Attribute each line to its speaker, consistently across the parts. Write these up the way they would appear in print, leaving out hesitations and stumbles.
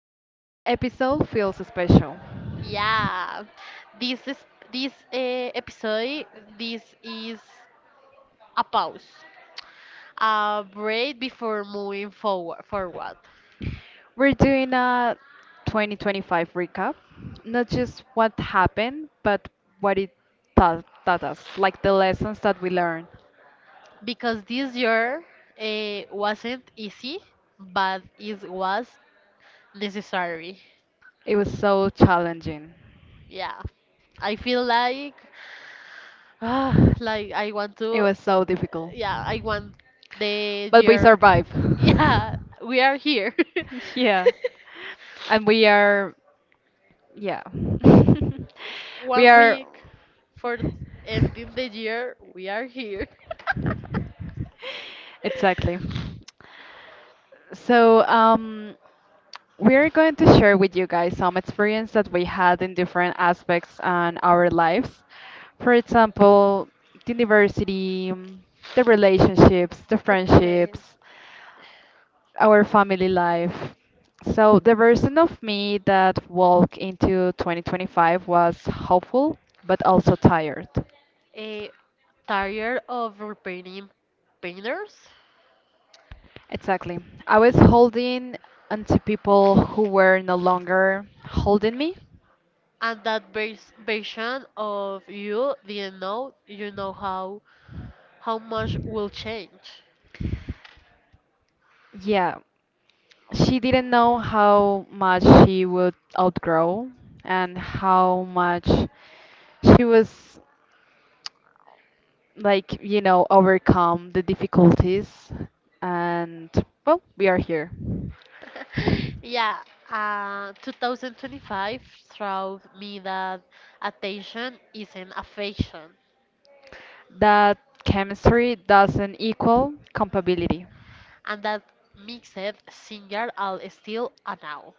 Speaker 1: Today's episode feels special.
Speaker 2: Yeah, this is this episode. This is a pause, a break before moving forward. Forward,
Speaker 1: We're doing a 2025 recap, not just what happened, but what it taught, us, like the lessons that we learned.
Speaker 2: because this year wasn't easy, but it was necessary.
Speaker 1: It was so challenging.
Speaker 2: Yeah, I feel like like I want
Speaker 1: It
Speaker 2: to.
Speaker 1: was so difficult.
Speaker 2: Yeah, I want the
Speaker 1: But we
Speaker 2: year.
Speaker 1: survived.
Speaker 2: Yeah, we are here.
Speaker 1: Yeah. And we are, yeah. We
Speaker 2: one
Speaker 1: are.
Speaker 2: week for ending the year, we are here.
Speaker 1: Exactly. So we're going to share with you guys some experience that we had in different aspects on our lives. For example, the university, the relationships, the
Speaker 2: Okay.
Speaker 1: friendships, our family life. So the version of me that walked into 2025 was hopeful, but also tired.
Speaker 2: Eh, tired of repainting painters,
Speaker 1: Exactly. I was holding onto people who were no longer holding me.
Speaker 2: and that base version of you didn't know how much will change.
Speaker 1: Yeah, she didn't know how much she would outgrow and how much she was, overcome the difficulties, and well, we are here,
Speaker 2: Yeah, 2025 showed me that attention is an affection,
Speaker 1: that chemistry doesn't equal compatibility.
Speaker 2: and that makes it singular and still a now.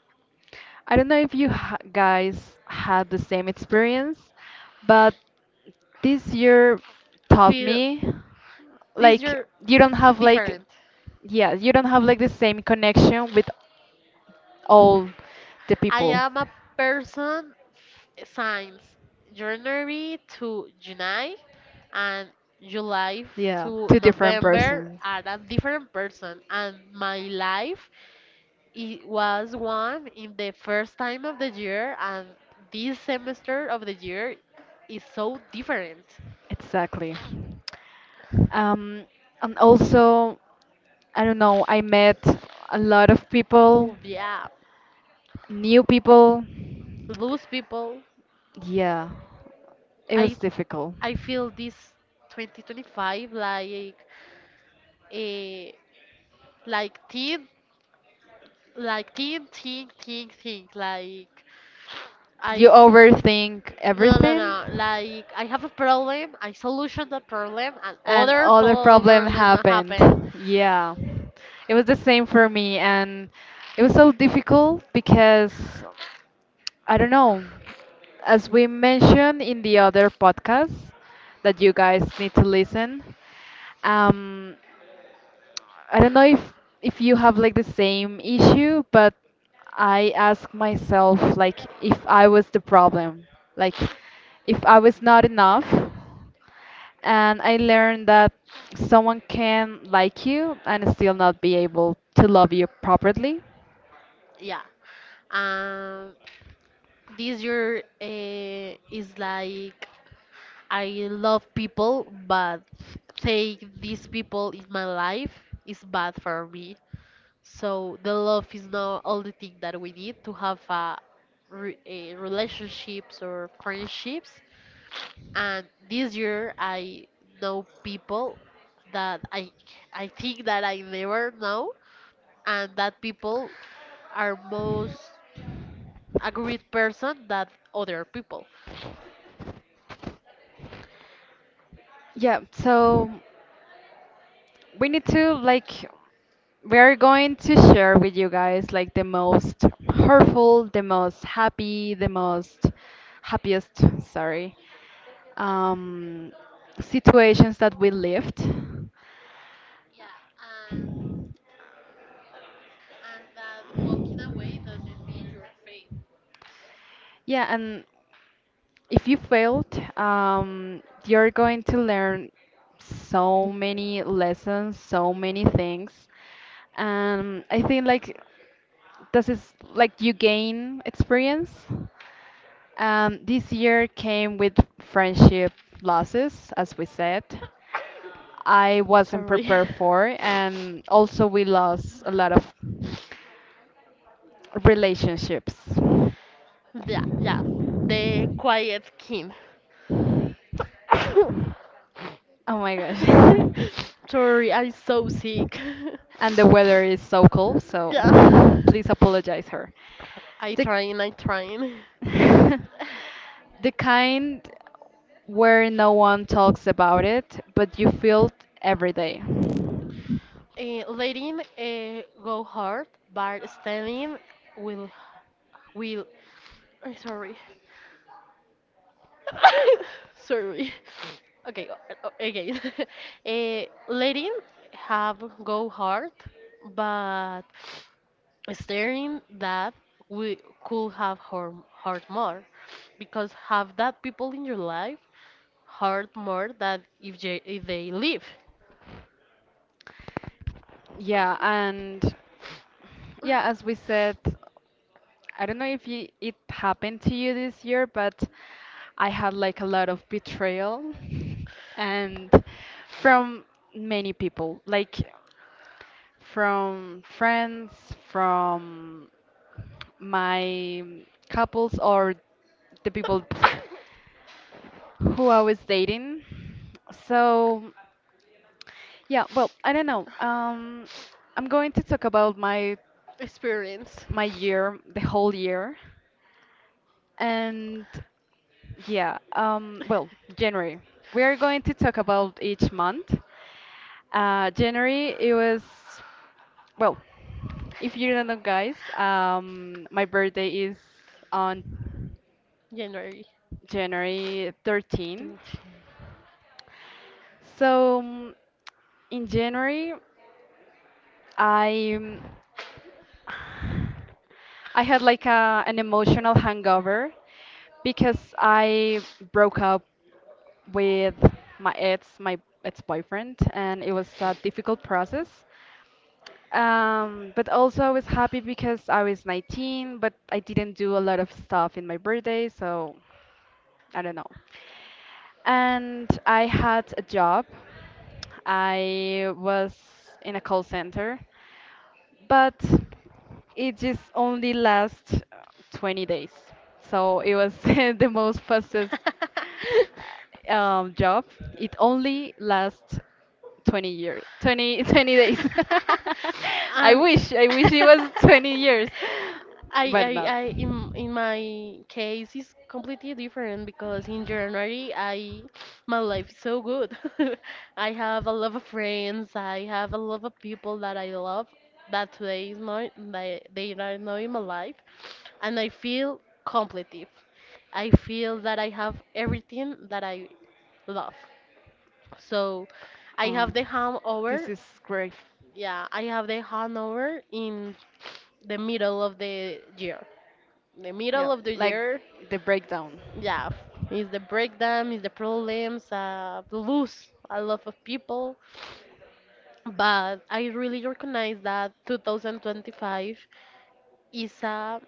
Speaker 1: I don't know if you guys had the same experience, but this year taught
Speaker 2: Feel
Speaker 1: me,
Speaker 2: this
Speaker 1: like,
Speaker 2: year
Speaker 1: you don't have like,
Speaker 2: different.
Speaker 1: yeah, you don't have like the same connection with all the
Speaker 2: I
Speaker 1: people.
Speaker 2: am a person signs January to July and July
Speaker 1: Yeah,
Speaker 2: to
Speaker 1: two different
Speaker 2: November
Speaker 1: persons.
Speaker 2: are a different person, and my life, it was one in the first time of the year, and this semester of the year is so different.
Speaker 1: Exactly. Um, and also, I don't know, I met a lot of people.
Speaker 2: Oh yeah.
Speaker 1: New people,
Speaker 2: Those people
Speaker 1: yeah, it was
Speaker 2: I
Speaker 1: difficult.
Speaker 2: I feel this 2025 like a like teen like teen think like I
Speaker 1: You overthink
Speaker 2: no no
Speaker 1: everything?
Speaker 2: no like I have a problem, I solution the problem, and
Speaker 1: And
Speaker 2: other
Speaker 1: other problem
Speaker 2: problem
Speaker 1: happened.
Speaker 2: happen.
Speaker 1: Yeah. It was the same for me, and it was so difficult because I don't know, as we mentioned in the other podcast that you guys need to listen, um, I don't know if you have like the same issue, but I ask myself, like, if I was the problem, like if I was not enough. And I learned that someone can like you and still not be able to love you properly.
Speaker 2: Yeah, um this year is like I love people, but saying these people in my life is bad for me. So the love is not all the thing that we need to have a, a relationships or friendships. And this year, I know people that I think that I never know, and that people are most agreed person than other people.
Speaker 1: Yeah, so we need to, like, we're going to share with you guys, like, the most hurtful, the most happy, the most happiest, sorry, um, situations that we lived. Yeah, and if you failed, you're going to learn so many lessons, so many things. And I think, like, this is like you gain experience. This year came with friendship losses, as we said. I wasn't
Speaker 2: Sorry.
Speaker 1: prepared for, and also we lost a lot of relationships. Oh
Speaker 2: Yeah, yeah, the quiet king.
Speaker 1: my gosh.
Speaker 2: Sorry, I'm so sick.
Speaker 1: And the weather is so cold, so
Speaker 2: Yeah.
Speaker 1: please apologize her. The
Speaker 2: I trying.
Speaker 1: the kind where no one talks about it, but you feel it every day.
Speaker 2: Letting go hard, but standing will will. I'm sorry. sorry. Okay, again. Uh, letting have go hard, but staring that we could have hurt, hurt more because have that people in your life hurt more than if they leave
Speaker 1: Yeah, and yeah, as we said, I don't know if you, it happened to you this year, but I had like a lot of betrayal and from many people. Like from friends, from my couples or the people who I was dating. So, yeah, well, I don't know. I'm going to talk about my
Speaker 2: experience
Speaker 1: year, the whole year, and yeah, well, January. We are going to talk about each month, January, it was, well, if you don't know, guys, my birthday is on
Speaker 2: january
Speaker 1: January 13.
Speaker 2: 13
Speaker 1: So in January, I I had like a, an emotional hangover because I broke up with my ex, my ex-boyfriend, and it was a difficult process. But also I was happy because I was 19, but I didn't do a lot of stuff in my birthday, so I don't know. And I had a job. I was in a call center, but it just only lasts 20 days. So it was the most fastest job. It only lasts 20 years, 20 20 days.
Speaker 2: um,
Speaker 1: I wish it was 20 years, but not.
Speaker 2: I, in my case, it's completely different because in January, I, my life is so good. I have a lot of friends. I have a lot of people that I love that today is not, they are not in my life, and I feel completely. I feel that I have everything that I love. So, I have
Speaker 1: Oh,
Speaker 2: the
Speaker 1: this
Speaker 2: hangover.
Speaker 1: is great.
Speaker 2: Yeah, I have the handover in the middle of the year. The
Speaker 1: Yeah,
Speaker 2: middle of the
Speaker 1: like
Speaker 2: year,
Speaker 1: the breakdown.
Speaker 2: yeah, is the breakdown, is the problems, lose a lot of people. But I really recognize that 2025 is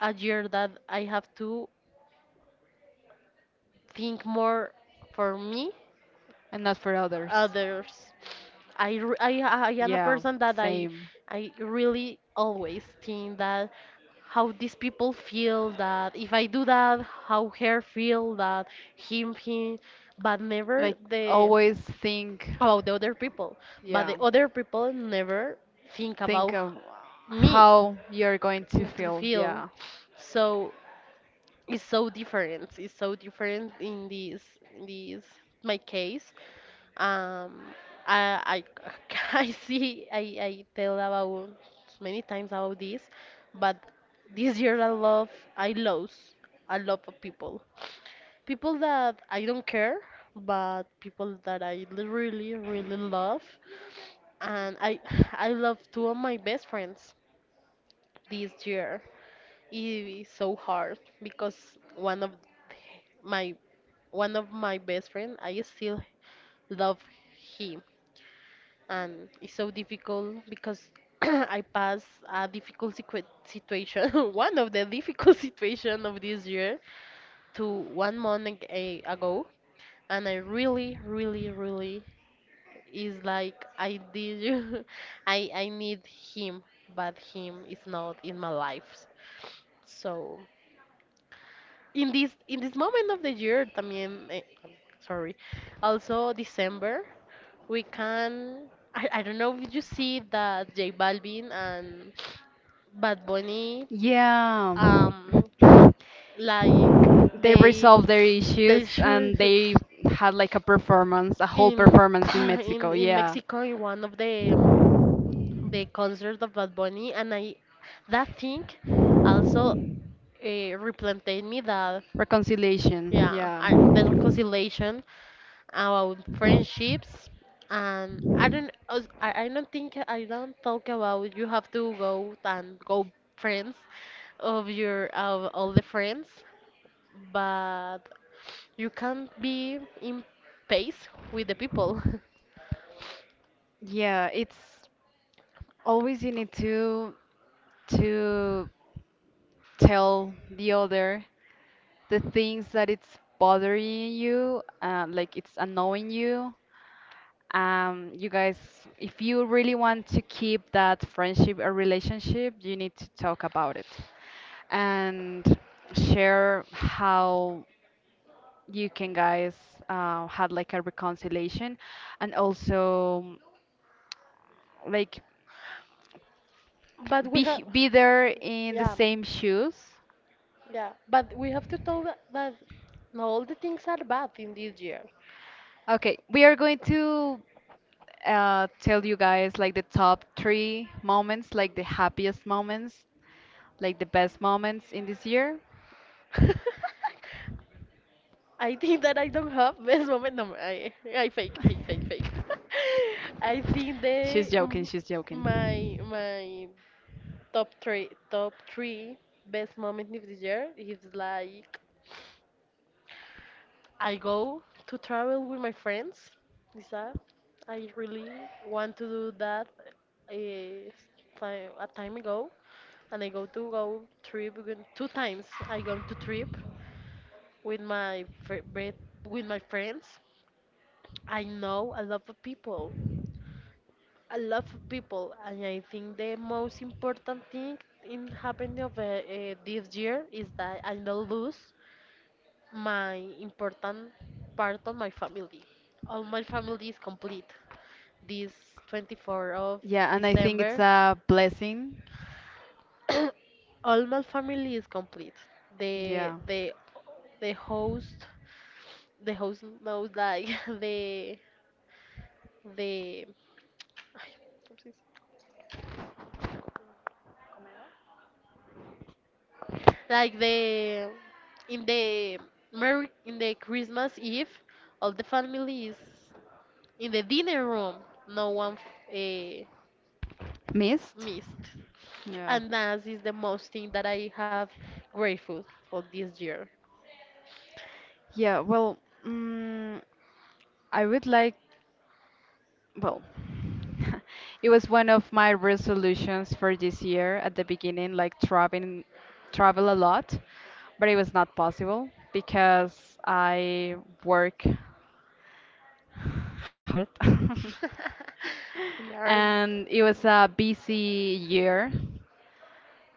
Speaker 2: a year that I have to think more for me,
Speaker 1: And not for others.
Speaker 2: others. I am a
Speaker 1: Yeah,
Speaker 2: person that
Speaker 1: same.
Speaker 2: I really always think that how these people feel, that if I do that, how her feel, that him, but never
Speaker 1: Like
Speaker 2: the
Speaker 1: always think,
Speaker 2: about the other people, but the
Speaker 1: yeah,
Speaker 2: other people never think
Speaker 1: think
Speaker 2: about
Speaker 1: of
Speaker 2: me
Speaker 1: how you're going to
Speaker 2: to
Speaker 1: feel.
Speaker 2: feel.
Speaker 1: Yeah,
Speaker 2: So it's so different. It's so different in this my case. um, I, I see, I tell about many times about this, but this year I love, I lost a lot of people. People that I don't care, but people that I really, really love. And I, I love two of my best friends this year. It is so hard because one of my one of my best friend, I still love him, and it's so difficult because I passed a situation, one of the difficult situation of this year, to 1 month ago, and I really, really, really is like I did, I need him, but him is not in my life. So in this moment of the year, también, eh, sorry, also December we can. I don't know if you see that J Balvin and Bad Bunny,
Speaker 1: yeah.
Speaker 2: um, like
Speaker 1: They
Speaker 2: they
Speaker 1: resolved their
Speaker 2: they
Speaker 1: issues
Speaker 2: should
Speaker 1: and they had like a performance, a whole
Speaker 2: in
Speaker 1: performance in Mexico.
Speaker 2: in
Speaker 1: Yeah.
Speaker 2: Mexico in one of the concerts of Bad Bunny, and I that thing also replanted me that
Speaker 1: Reconciliation.
Speaker 2: yeah
Speaker 1: Yeah.
Speaker 2: I, the reconciliation about friendships. And I don't I don't think I don't talk about you have to go and go friends of your of all the friends, but you can't be in pace with the people.
Speaker 1: Yeah, it's always you need to tell the other the things that it's bothering you, like it's annoying you. You guys, if you really want to keep that friendship or relationship, you need to talk about it and share how you can guys had like a reconciliation and also like
Speaker 2: But
Speaker 1: be
Speaker 2: we have,
Speaker 1: be there in the
Speaker 2: yeah,
Speaker 1: same shoes.
Speaker 2: yeah, but we have to tell that, that not all the things are bad in this year.
Speaker 1: Okay, we are going to tell you guys, like, the top three moments, like the happiest moments, like the best moments in this year.
Speaker 2: I think that I don't have best moment. No, I fake. I think
Speaker 1: She's
Speaker 2: they,
Speaker 1: joking, she's joking.
Speaker 2: my top three best moment of the year is like I go to travel with my friends. Is that? I really want to do that a a time ago, and I go to go trip with- two times. I go to trip with my with my friends. I know a lot of people, a lot of people, and I think the most important thing in happening of this year is that I don't lose my important part of my family. All my family is complete. This 24 of
Speaker 1: Yeah, and I think it's
Speaker 2: December,
Speaker 1: a blessing.
Speaker 2: all my family is complete. The
Speaker 1: Yeah.
Speaker 2: the the host, the host knows like the ay, ¿cómo se dice? Like the Merry in the Christmas Eve, all the family is in the dinner room. No one uh,
Speaker 1: Missed?
Speaker 2: missed.
Speaker 1: Yeah.
Speaker 2: And that is the most thing that I have grateful for this year.
Speaker 1: Yeah, well, mm, I would like. Well, it was one of my resolutions for this year at the beginning, like traveling, travel a lot, but it was not possible because I work hard.
Speaker 2: We are
Speaker 1: And it was a busy year.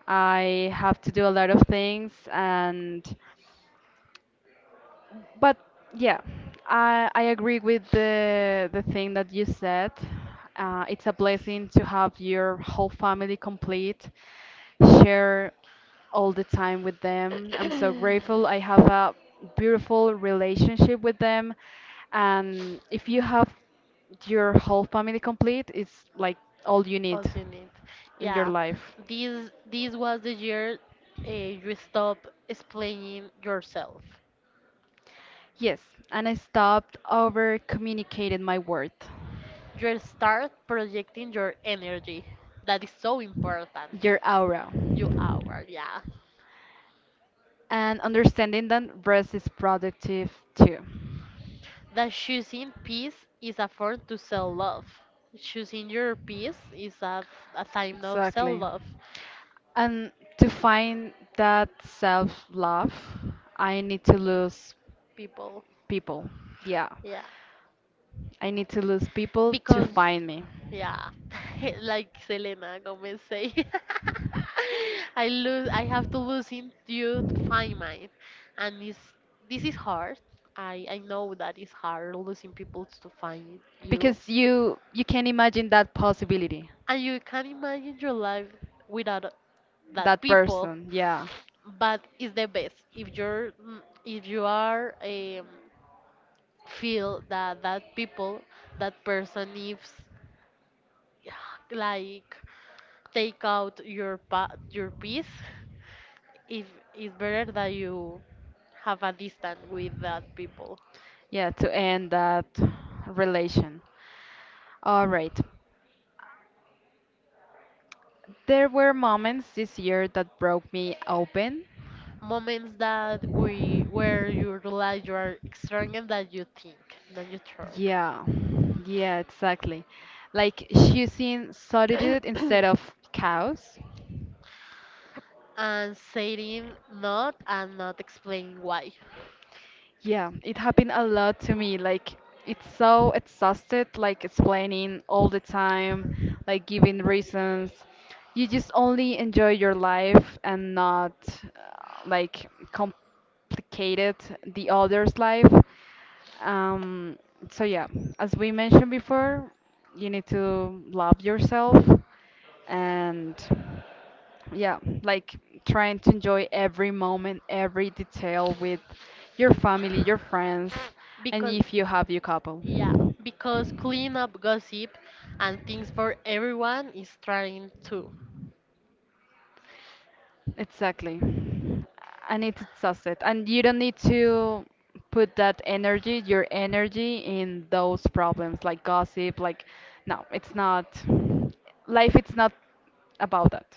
Speaker 1: I have to do a lot of things, and but yeah, I agree with the thing that you said. It's a blessing to have your whole family complete, share all the time with them. I'm so grateful. I have a beautiful relationship with them, and if you have your whole family complete, it's like all you need
Speaker 2: all you need.
Speaker 1: in your
Speaker 2: Yeah,
Speaker 1: life.
Speaker 2: like this was the year you stop explaining yourself.
Speaker 1: Yes, and I stopped over communicating my worth.
Speaker 2: You start projecting your energy. That is so important.
Speaker 1: Your aura.
Speaker 2: You are, yeah.
Speaker 1: And understanding that rest is productive too.
Speaker 2: That choosing peace is a form to self-love. Choosing your peace is a sign of
Speaker 1: Exactly.
Speaker 2: self-love,
Speaker 1: And to find that self love, I need to lose
Speaker 2: people.
Speaker 1: people. Yeah.
Speaker 2: Yeah.
Speaker 1: I need to lose people to
Speaker 2: Because,
Speaker 1: find me.
Speaker 2: yeah, like Selena Gomez say, I lose. I have to lose in you to find mine, and this is hard. I know that it's hard losing people to find you, and
Speaker 1: Because you
Speaker 2: you
Speaker 1: can
Speaker 2: can imagine
Speaker 1: imagine that possibility.
Speaker 2: your life without that
Speaker 1: That
Speaker 2: people,
Speaker 1: person. Yeah.
Speaker 2: but it's the best if you're if you are feel that that people that person is like take out your your peace, if it's better that you have a distance with that people,
Speaker 1: Yeah, to end that relation. All right. There were moments this year that broke me open.
Speaker 2: moments that we where you realize you are stronger than you think, than you talk,
Speaker 1: Yeah, yeah, exactly. Like choosing solitude instead of chaos.
Speaker 2: and saying not and not explaining why
Speaker 1: Yeah, it happened a lot to me. Like, it's so exhausted, like explaining all the time, like giving reasons. You just only enjoy your life and not like complicated the other's life. Um, so yeah, as we mentioned before, you need to love yourself and yeah, like trying to enjoy every moment, every detail with your family, your friends, and
Speaker 2: because
Speaker 1: if you have your couple,
Speaker 2: yeah, because clean up gossip and things for everyone is trying to.
Speaker 1: exactly. And it's exhausted and you don't need to put that energy, your energy in those problems, like gossip, like no, it's not life, it's not about that.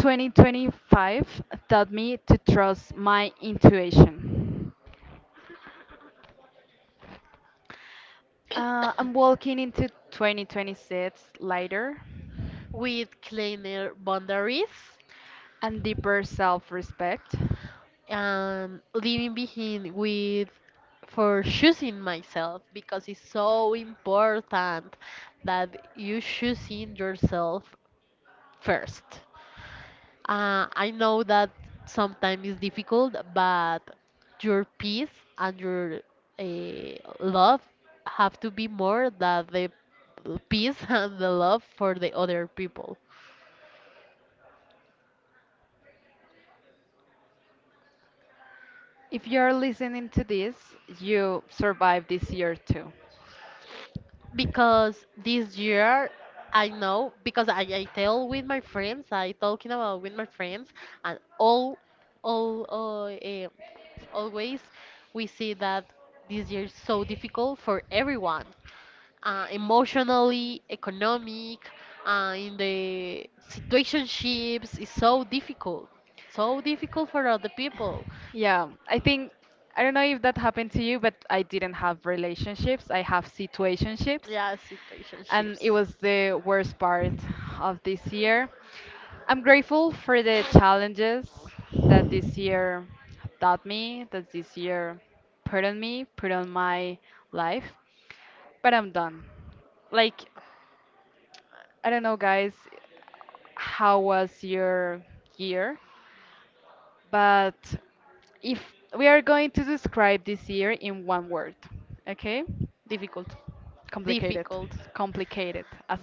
Speaker 1: 2025 taught me to trust my intuition. I'm walking into 2026 lighter
Speaker 2: With cleaner boundaries
Speaker 1: and deeper self respect.
Speaker 2: and leaving behind with for choosing myself, because it's so important that you choosing yourself first. I know that sometimes it's difficult, but your peace and your uh, love have to be more than the peace and the love for the other people.
Speaker 1: If you're listening to this, you survived this year too.
Speaker 2: Because this year, I know, because I tell with my friends, I talking about with my friends, and all eh, always we see that this year is so difficult for everyone emotionally, economic, in the situationships is so difficult for other people.
Speaker 1: Yeah, I think I don't know if that happened to you, but I didn't have relationships. I have situationships,
Speaker 2: Yeah,
Speaker 1: and
Speaker 2: situationships.
Speaker 1: it was the worst part of this year. I'm grateful for the challenges that this year taught me, that this year put on me, put on my life, but I'm done. Like, I don't know, guys, how was your year, but if we are going to describe this year in one word, okay?
Speaker 2: Difficult,
Speaker 1: Complicated.
Speaker 2: difficult.
Speaker 1: Complicated. As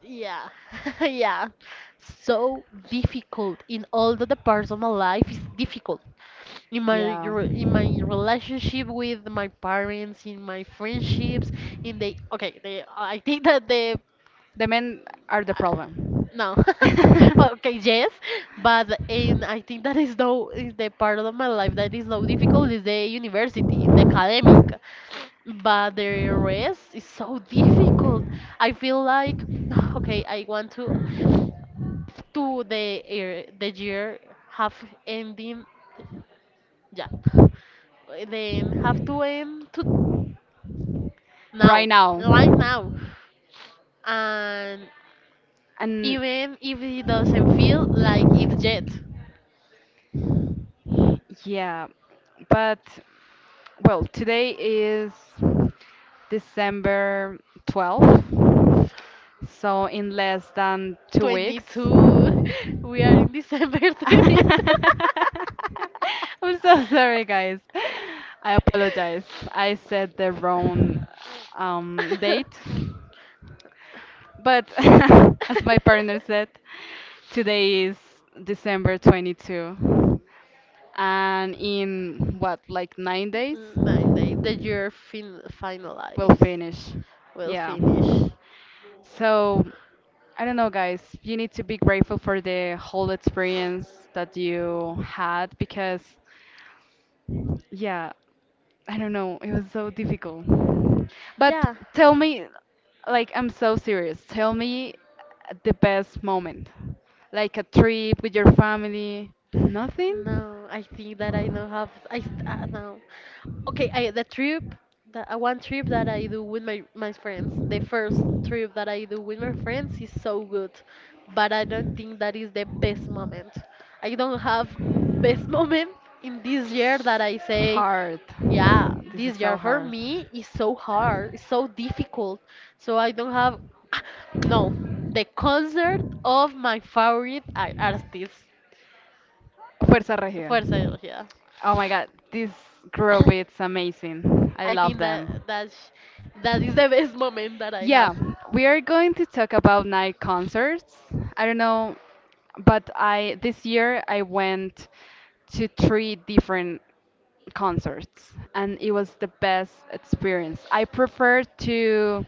Speaker 2: Yeah, yeah. So difficult in all the parts of my life is difficult. In my
Speaker 1: yeah.
Speaker 2: in my relationship with my parents, in my friendships, in the okay, the I think that the
Speaker 1: The men are the problem.
Speaker 2: no. Okay, yes, but in I think that is no is the part of my life that is no difficult is the university, the academic, but the rest is so difficult. I feel like okay, I want to the year have ending yeah then have to end to now
Speaker 1: Right now.
Speaker 2: right now and
Speaker 1: And
Speaker 2: even if it doesn't feel like it yet
Speaker 1: yeah, but well, today is December 12th. So in less than 2 weeks.
Speaker 2: 22 we are in December 22
Speaker 1: I'm so sorry, guys. I apologize. I said the wrong date. But as my partner said, today is December 22. And in what, like 9 days?
Speaker 2: 9 days that you're
Speaker 1: We'll
Speaker 2: finalized,
Speaker 1: finish.
Speaker 2: will
Speaker 1: Yeah.
Speaker 2: finish.
Speaker 1: So I don't know, guys. You need to be grateful for the whole experience that you had because yeah, I don't know. It was so difficult. But
Speaker 2: Yeah.
Speaker 1: tell me, like, I'm so serious. Tell me the best moment. Like a trip with your family. Nothing?
Speaker 2: No, I think that I don't have. I s- no. Okay, I, the trip the one trip that I do with my my friends, the first trip that I do with my friends is so good, but I don't think that is the best moment. I don't have best moment in this year that I say,
Speaker 1: Hard.
Speaker 2: yeah,
Speaker 1: This is
Speaker 2: this year
Speaker 1: so
Speaker 2: for
Speaker 1: hard.
Speaker 2: me is so hard, it's so difficult. So I don't have no, the concert of my favorite artist.
Speaker 1: Fuerza Regida.
Speaker 2: Fuerza Regida.
Speaker 1: Oh my god, this group is amazing. I
Speaker 2: I
Speaker 1: love
Speaker 2: think that
Speaker 1: them.
Speaker 2: that is the best moment that I have.
Speaker 1: Yeah, we are going to talk about night concerts. I don't know, but I, this year I went to three different concerts, and it was the best experience. I prefer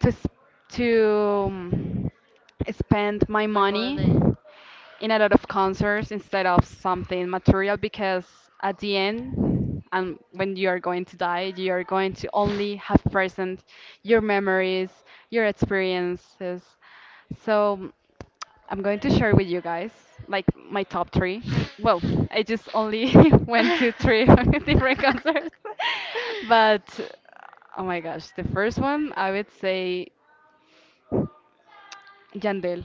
Speaker 1: to to um, spend my
Speaker 2: My
Speaker 1: money
Speaker 2: money.
Speaker 1: in a lot of concerts instead of something material, because at the end, and when you are going to die, you are going to only have present your memories, your experiences. So I'm going to share with you guys, like, my top three. Well, I just only went to three different concerts. But oh my gosh, the first one I would say Yandel.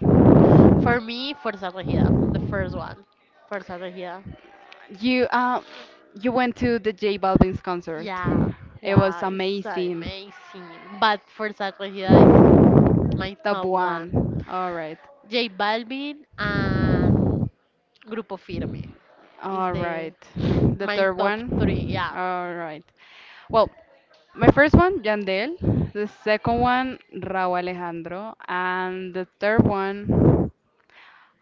Speaker 2: For me, Fuerza Regida, the first one. Fuerza Regida.
Speaker 1: You uh, you went to the J Balvin's concert.
Speaker 2: Yeah,
Speaker 1: It was
Speaker 2: yeah, it's
Speaker 1: amazing.
Speaker 2: amazing. But Fuerza Regida is my
Speaker 1: Top
Speaker 2: top
Speaker 1: one.
Speaker 2: one.
Speaker 1: All right.
Speaker 2: J Balvin and Grupo Firme is
Speaker 1: All
Speaker 2: the
Speaker 1: right. The
Speaker 2: my
Speaker 1: third
Speaker 2: top three.
Speaker 1: one.
Speaker 2: Yeah,
Speaker 1: All right. Well, my first one, Yandel. The second one, Raúl Alejandro. And the third one,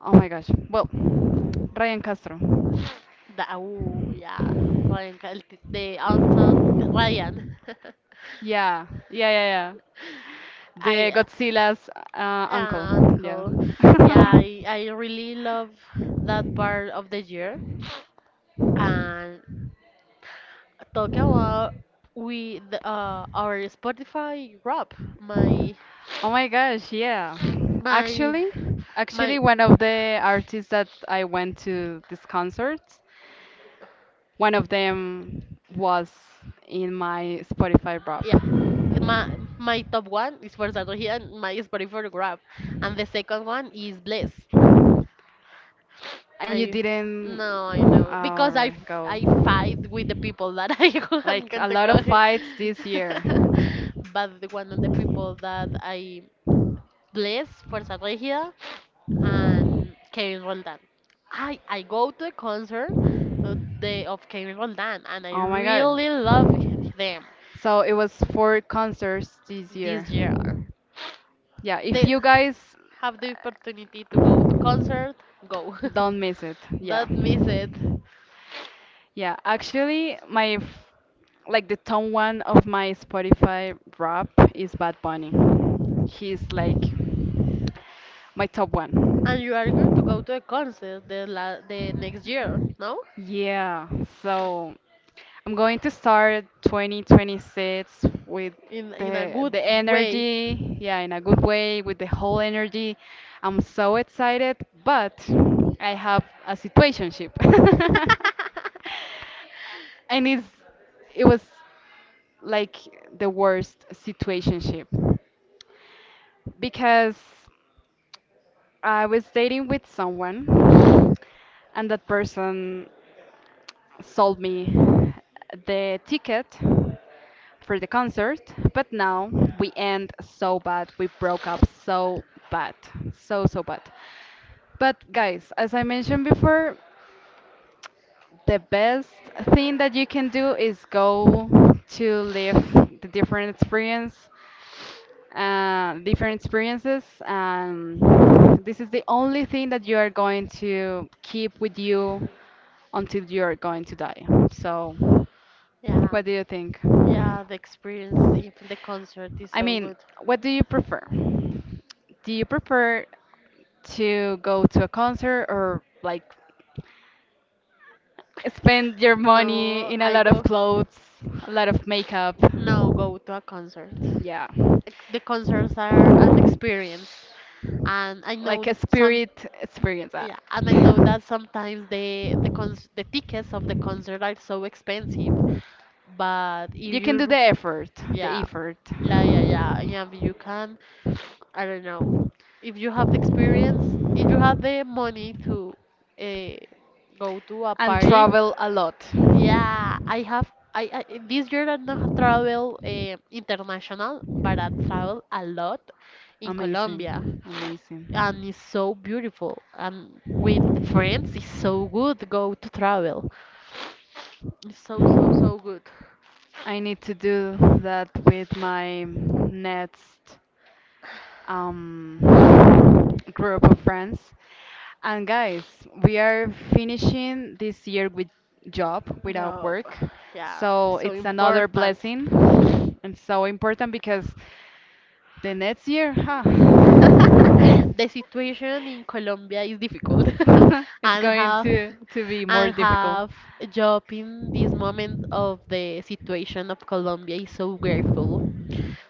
Speaker 1: oh my gosh. Well, Ryan Castro.
Speaker 2: the ooh, yeah, Ryan, the Anton Ryan.
Speaker 1: Yeah, yeah, yeah, yeah. The
Speaker 2: I
Speaker 1: Godzilla's uncle.
Speaker 2: yeah,
Speaker 1: Yeah.
Speaker 2: uncle. Yeah, I really love that part of the year. And talking about we the, our Spotify rap,
Speaker 1: Oh my gosh, yeah.
Speaker 2: my
Speaker 1: Actually, actually
Speaker 2: my.
Speaker 1: one of the artists that I went to these concerts, one of them was in my Spotify rap.
Speaker 2: Yeah, th- my my top one is for Sardogia and my is for Grab, and the second one is Bliss.
Speaker 1: And you
Speaker 2: I
Speaker 1: didn't,
Speaker 2: no, I know because
Speaker 1: alright, go.
Speaker 2: I fight with the people that I am
Speaker 1: Like a
Speaker 2: going to
Speaker 1: lot
Speaker 2: go,
Speaker 1: of fights this year.
Speaker 2: but the one of the people that I Bliss for Sardogia and Kevin Roldan. I go to a concert of the of Kevin Roldan and I
Speaker 1: Oh my
Speaker 2: really love
Speaker 1: god.
Speaker 2: them
Speaker 1: So it was four concerts this year.
Speaker 2: this year.
Speaker 1: Yeah, if
Speaker 2: They
Speaker 1: you guys
Speaker 2: have the opportunity to go to concert, go.
Speaker 1: don't miss it, yeah.
Speaker 2: Don't miss it.
Speaker 1: Yeah, actually, my like the top one of my Spotify rap is Bad Bunny. He's like my top
Speaker 2: And
Speaker 1: one.
Speaker 2: you are going to go to a concert the next year, no?
Speaker 1: Yeah, so. I'm going to start 2026 with
Speaker 2: In a
Speaker 1: the
Speaker 2: good way.
Speaker 1: energy, yeah, in a good way, with the whole energy. I'm so excited, but I have a situationship. and it's it was like the worst situationship because I was dating with someone and that person sold me the ticket for the concert, but now we end so bad. We broke up so bad. So, so bad. But guys, as I mentioned before, the best thing that you can do is go to live the different experience different experiences. And this is the only thing that you are going to keep with you until you are going to die. So,
Speaker 2: Yeah,
Speaker 1: what do you think?
Speaker 2: yeah, the experience if the concert is
Speaker 1: I
Speaker 2: so
Speaker 1: mean,
Speaker 2: good.
Speaker 1: what do you prefer? Do you prefer to go to a concert or like spend your money
Speaker 2: No,
Speaker 1: in a
Speaker 2: I
Speaker 1: lot of
Speaker 2: go.
Speaker 1: clothes, a lot of makeup?
Speaker 2: No, go to a concert.
Speaker 1: Yeah.
Speaker 2: The concerts are an experience and I know
Speaker 1: Like a
Speaker 2: some.
Speaker 1: spirit experience.
Speaker 2: Yeah, and I know that sometimes the tickets of the concert are so expensive, but if
Speaker 1: You can do
Speaker 2: you
Speaker 1: the effort, the
Speaker 2: yeah.
Speaker 1: effort.
Speaker 2: Yeah, yeah, yeah. Yeah, but you can, I don't know, if you have the experience, if you have the money to uh, go to a
Speaker 1: And
Speaker 2: party.
Speaker 1: travel a lot.
Speaker 2: Yeah, I have. I this year I not travel international, but I travel a lot in Colombia,
Speaker 1: Amazing,
Speaker 2: and
Speaker 1: amazing.
Speaker 2: it's so beautiful. And with friends, it's so good go to travel. It's so so good.
Speaker 1: I need to do that with my next um, group of friends. And guys, we are finishing this year with job, without
Speaker 2: Job,
Speaker 1: work.
Speaker 2: yeah,
Speaker 1: So
Speaker 2: so
Speaker 1: it's another
Speaker 2: important.
Speaker 1: blessing and so important because the next year,
Speaker 2: The situation in Colombia is difficult
Speaker 1: it's
Speaker 2: and
Speaker 1: going
Speaker 2: have
Speaker 1: to be more
Speaker 2: and
Speaker 1: difficult.
Speaker 2: have a job in this moment of the situation of Colombia is so grateful,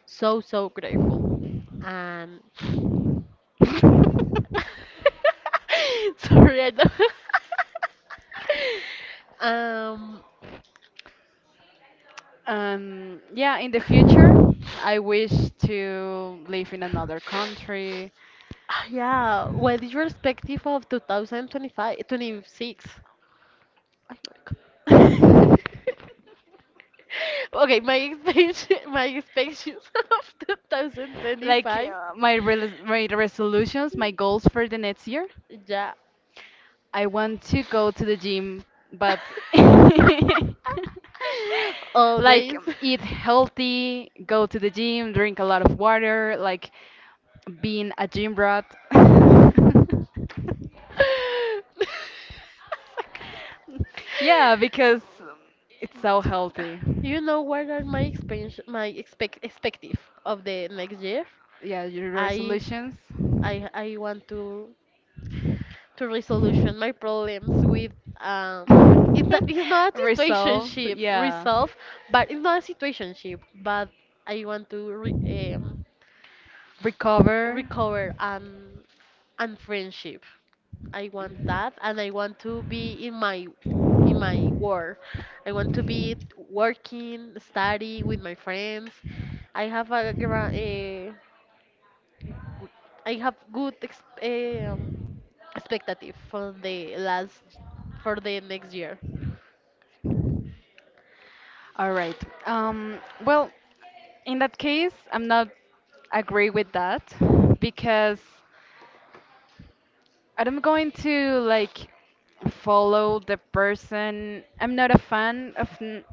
Speaker 2: so grateful. And sorry I don't um
Speaker 1: Yeah, in the future, I wish to live in another country.
Speaker 2: yeah, what is your perspective of 2025, 26? Oh my God. Okay, my expectation, my expectations of
Speaker 1: Like
Speaker 2: 2025.
Speaker 1: my res my resolutions, my goals for the next year.
Speaker 2: Yeah.
Speaker 1: I want to go to the gym, but like
Speaker 2: Always.
Speaker 1: eat healthy, go to the gym, drink a lot of water, like being a gym rat. Yeah, because it's so healthy.
Speaker 2: You know what are my expansion, my expective of the next year?
Speaker 1: Yeah, your
Speaker 2: I
Speaker 1: resolutions.
Speaker 2: I want to resolution my problems with um it's not a
Speaker 1: Resolve,
Speaker 2: situationship
Speaker 1: yeah.
Speaker 2: resolve, but it's not a situationship, but I want to re, um,
Speaker 1: Recover.
Speaker 2: recover and friendship. I want that, and I want to be in my work. I want to be working, study with my friends. I have a, I have good expectative for the last for the next year.
Speaker 1: All right. Um, well, in that case, I'm not agree with that because I'm going to like follow the person. I'm not a fan of.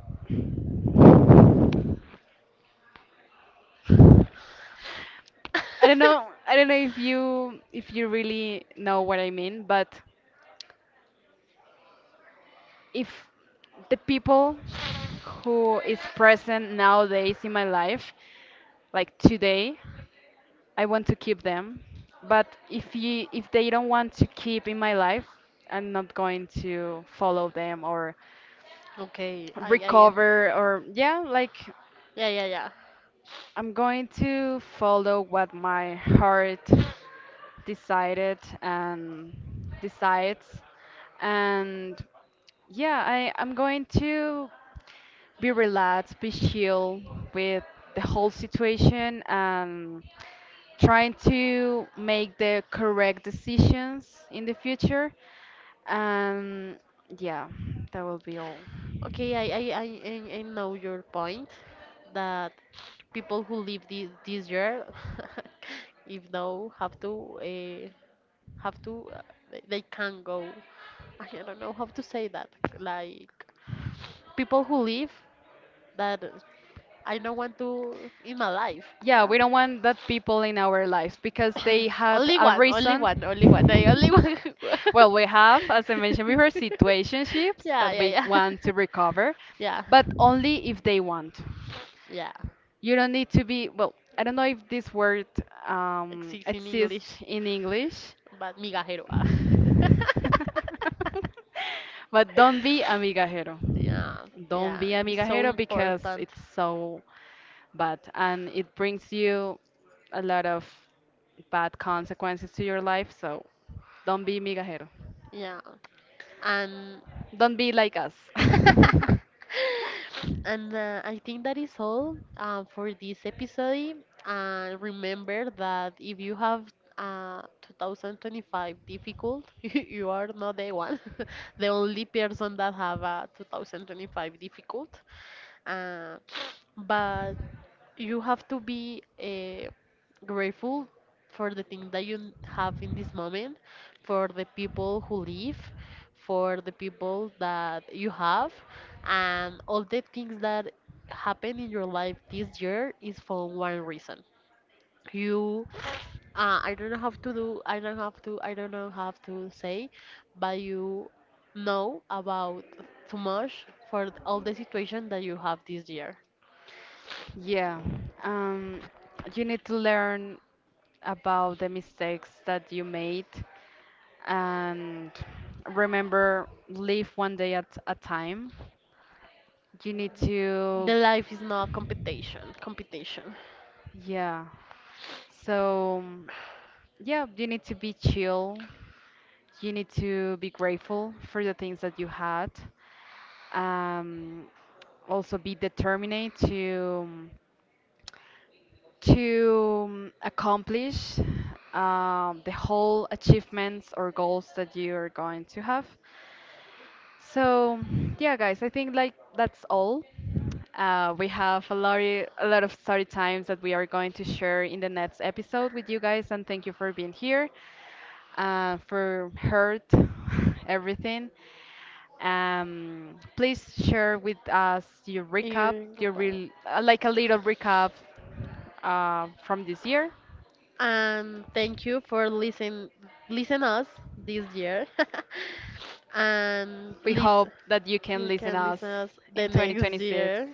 Speaker 1: I don't know. I don't know if you really know what I mean, but. If the people who is present nowadays in my life, like today, I want to keep them. But if they don't want to keep in my life, I'm not going to follow them or
Speaker 2: Okay, I am.
Speaker 1: recover or yeah, like
Speaker 2: Yeah, yeah, yeah.
Speaker 1: I'm going to follow what my heart decided and decides. And yeah, I'm going to be relaxed, be chill with the whole situation and trying to make the correct decisions in the future. And yeah, that will be all.
Speaker 2: Okay, I know your point that people who live this year, if no, have to they can go. I don't know how to say that. Like people who live that I don't want to in my life.
Speaker 1: Yeah,
Speaker 2: Yeah.
Speaker 1: we don't want that people in our lives because they had
Speaker 2: Only
Speaker 1: a
Speaker 2: one, only one,
Speaker 1: reason.
Speaker 2: only one. I only one.
Speaker 1: Well, we have, as I mentioned before, situationships
Speaker 2: Yeah,
Speaker 1: that
Speaker 2: yeah,
Speaker 1: we
Speaker 2: yeah.
Speaker 1: want to recover,
Speaker 2: Yeah.
Speaker 1: but only if they want.
Speaker 2: Yeah.
Speaker 1: You don't need to be, well, I don't know if this word
Speaker 2: Exists in
Speaker 1: exists
Speaker 2: English.
Speaker 1: in English,
Speaker 2: But migajero. Ah.
Speaker 1: but don't be amigajero.
Speaker 2: Yeah,
Speaker 1: Don't
Speaker 2: yeah.
Speaker 1: be
Speaker 2: It's so
Speaker 1: amigajero because
Speaker 2: important.
Speaker 1: it's so bad and it brings you a lot of bad consequences to your life. So don't be amigajero.
Speaker 2: Yeah. And
Speaker 1: Don't be like us.
Speaker 2: and I think that is all for this episode. Remember that if you have uh, 2025 difficult, you are not the one, the only person that have a 2025 difficult. Uh, but you have to be grateful for the thing that you have in this moment, for the people who live, for the people that you have, and all the things that happen in your life this year is for one reason. You, I don't know how to do, I don't have to, I don't know how to say, but you know about too much for all the situation that you have this year.
Speaker 1: Yeah. Um, you need to learn about the mistakes that you made and remember live one day at a time. You need to,
Speaker 2: The life is not competition. Competition.
Speaker 1: yeah. So, yeah, you need to be chill. You need to be grateful for the things that you had. Um, Also be determined to accomplish the whole achievements or goals that you are going to have. So, yeah, guys, I think like that's all. We have a lot, a lot of story times that we are going to share in the next episode with you guys, and thank you for being here, for heard everything. Please share with us your recap,
Speaker 2: You
Speaker 1: your real, like a little recap from this year.
Speaker 2: and thank you for listen us this year. And
Speaker 1: We hope
Speaker 2: listen
Speaker 1: that you can
Speaker 2: you
Speaker 1: listen
Speaker 2: can
Speaker 1: us
Speaker 2: listen us the
Speaker 1: in
Speaker 2: next
Speaker 1: 2026.
Speaker 2: year.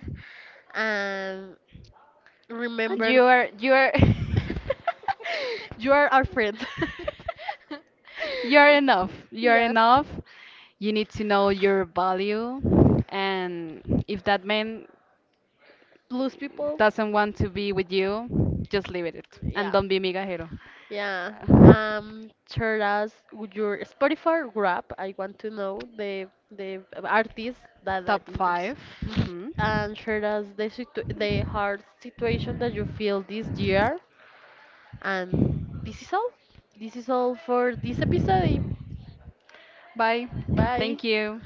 Speaker 2: And
Speaker 1: And
Speaker 2: remember
Speaker 1: you are
Speaker 2: you are our friend.
Speaker 1: you're enough. You're
Speaker 2: Yeah.
Speaker 1: enough. You need to know your value, and if that meant
Speaker 2: Blues people.
Speaker 1: doesn't want to be with you, just leave it and
Speaker 2: Yeah.
Speaker 1: don't be migajero.
Speaker 2: Yeah. Tell us with your Spotify rap. I want to know the artist that
Speaker 1: Top
Speaker 2: interests,
Speaker 1: 5. Hmm.
Speaker 2: and share us the hard situation that you feel this year. And this is all. This is all for this episode.
Speaker 1: Bye.
Speaker 2: Bye.
Speaker 1: Thank you.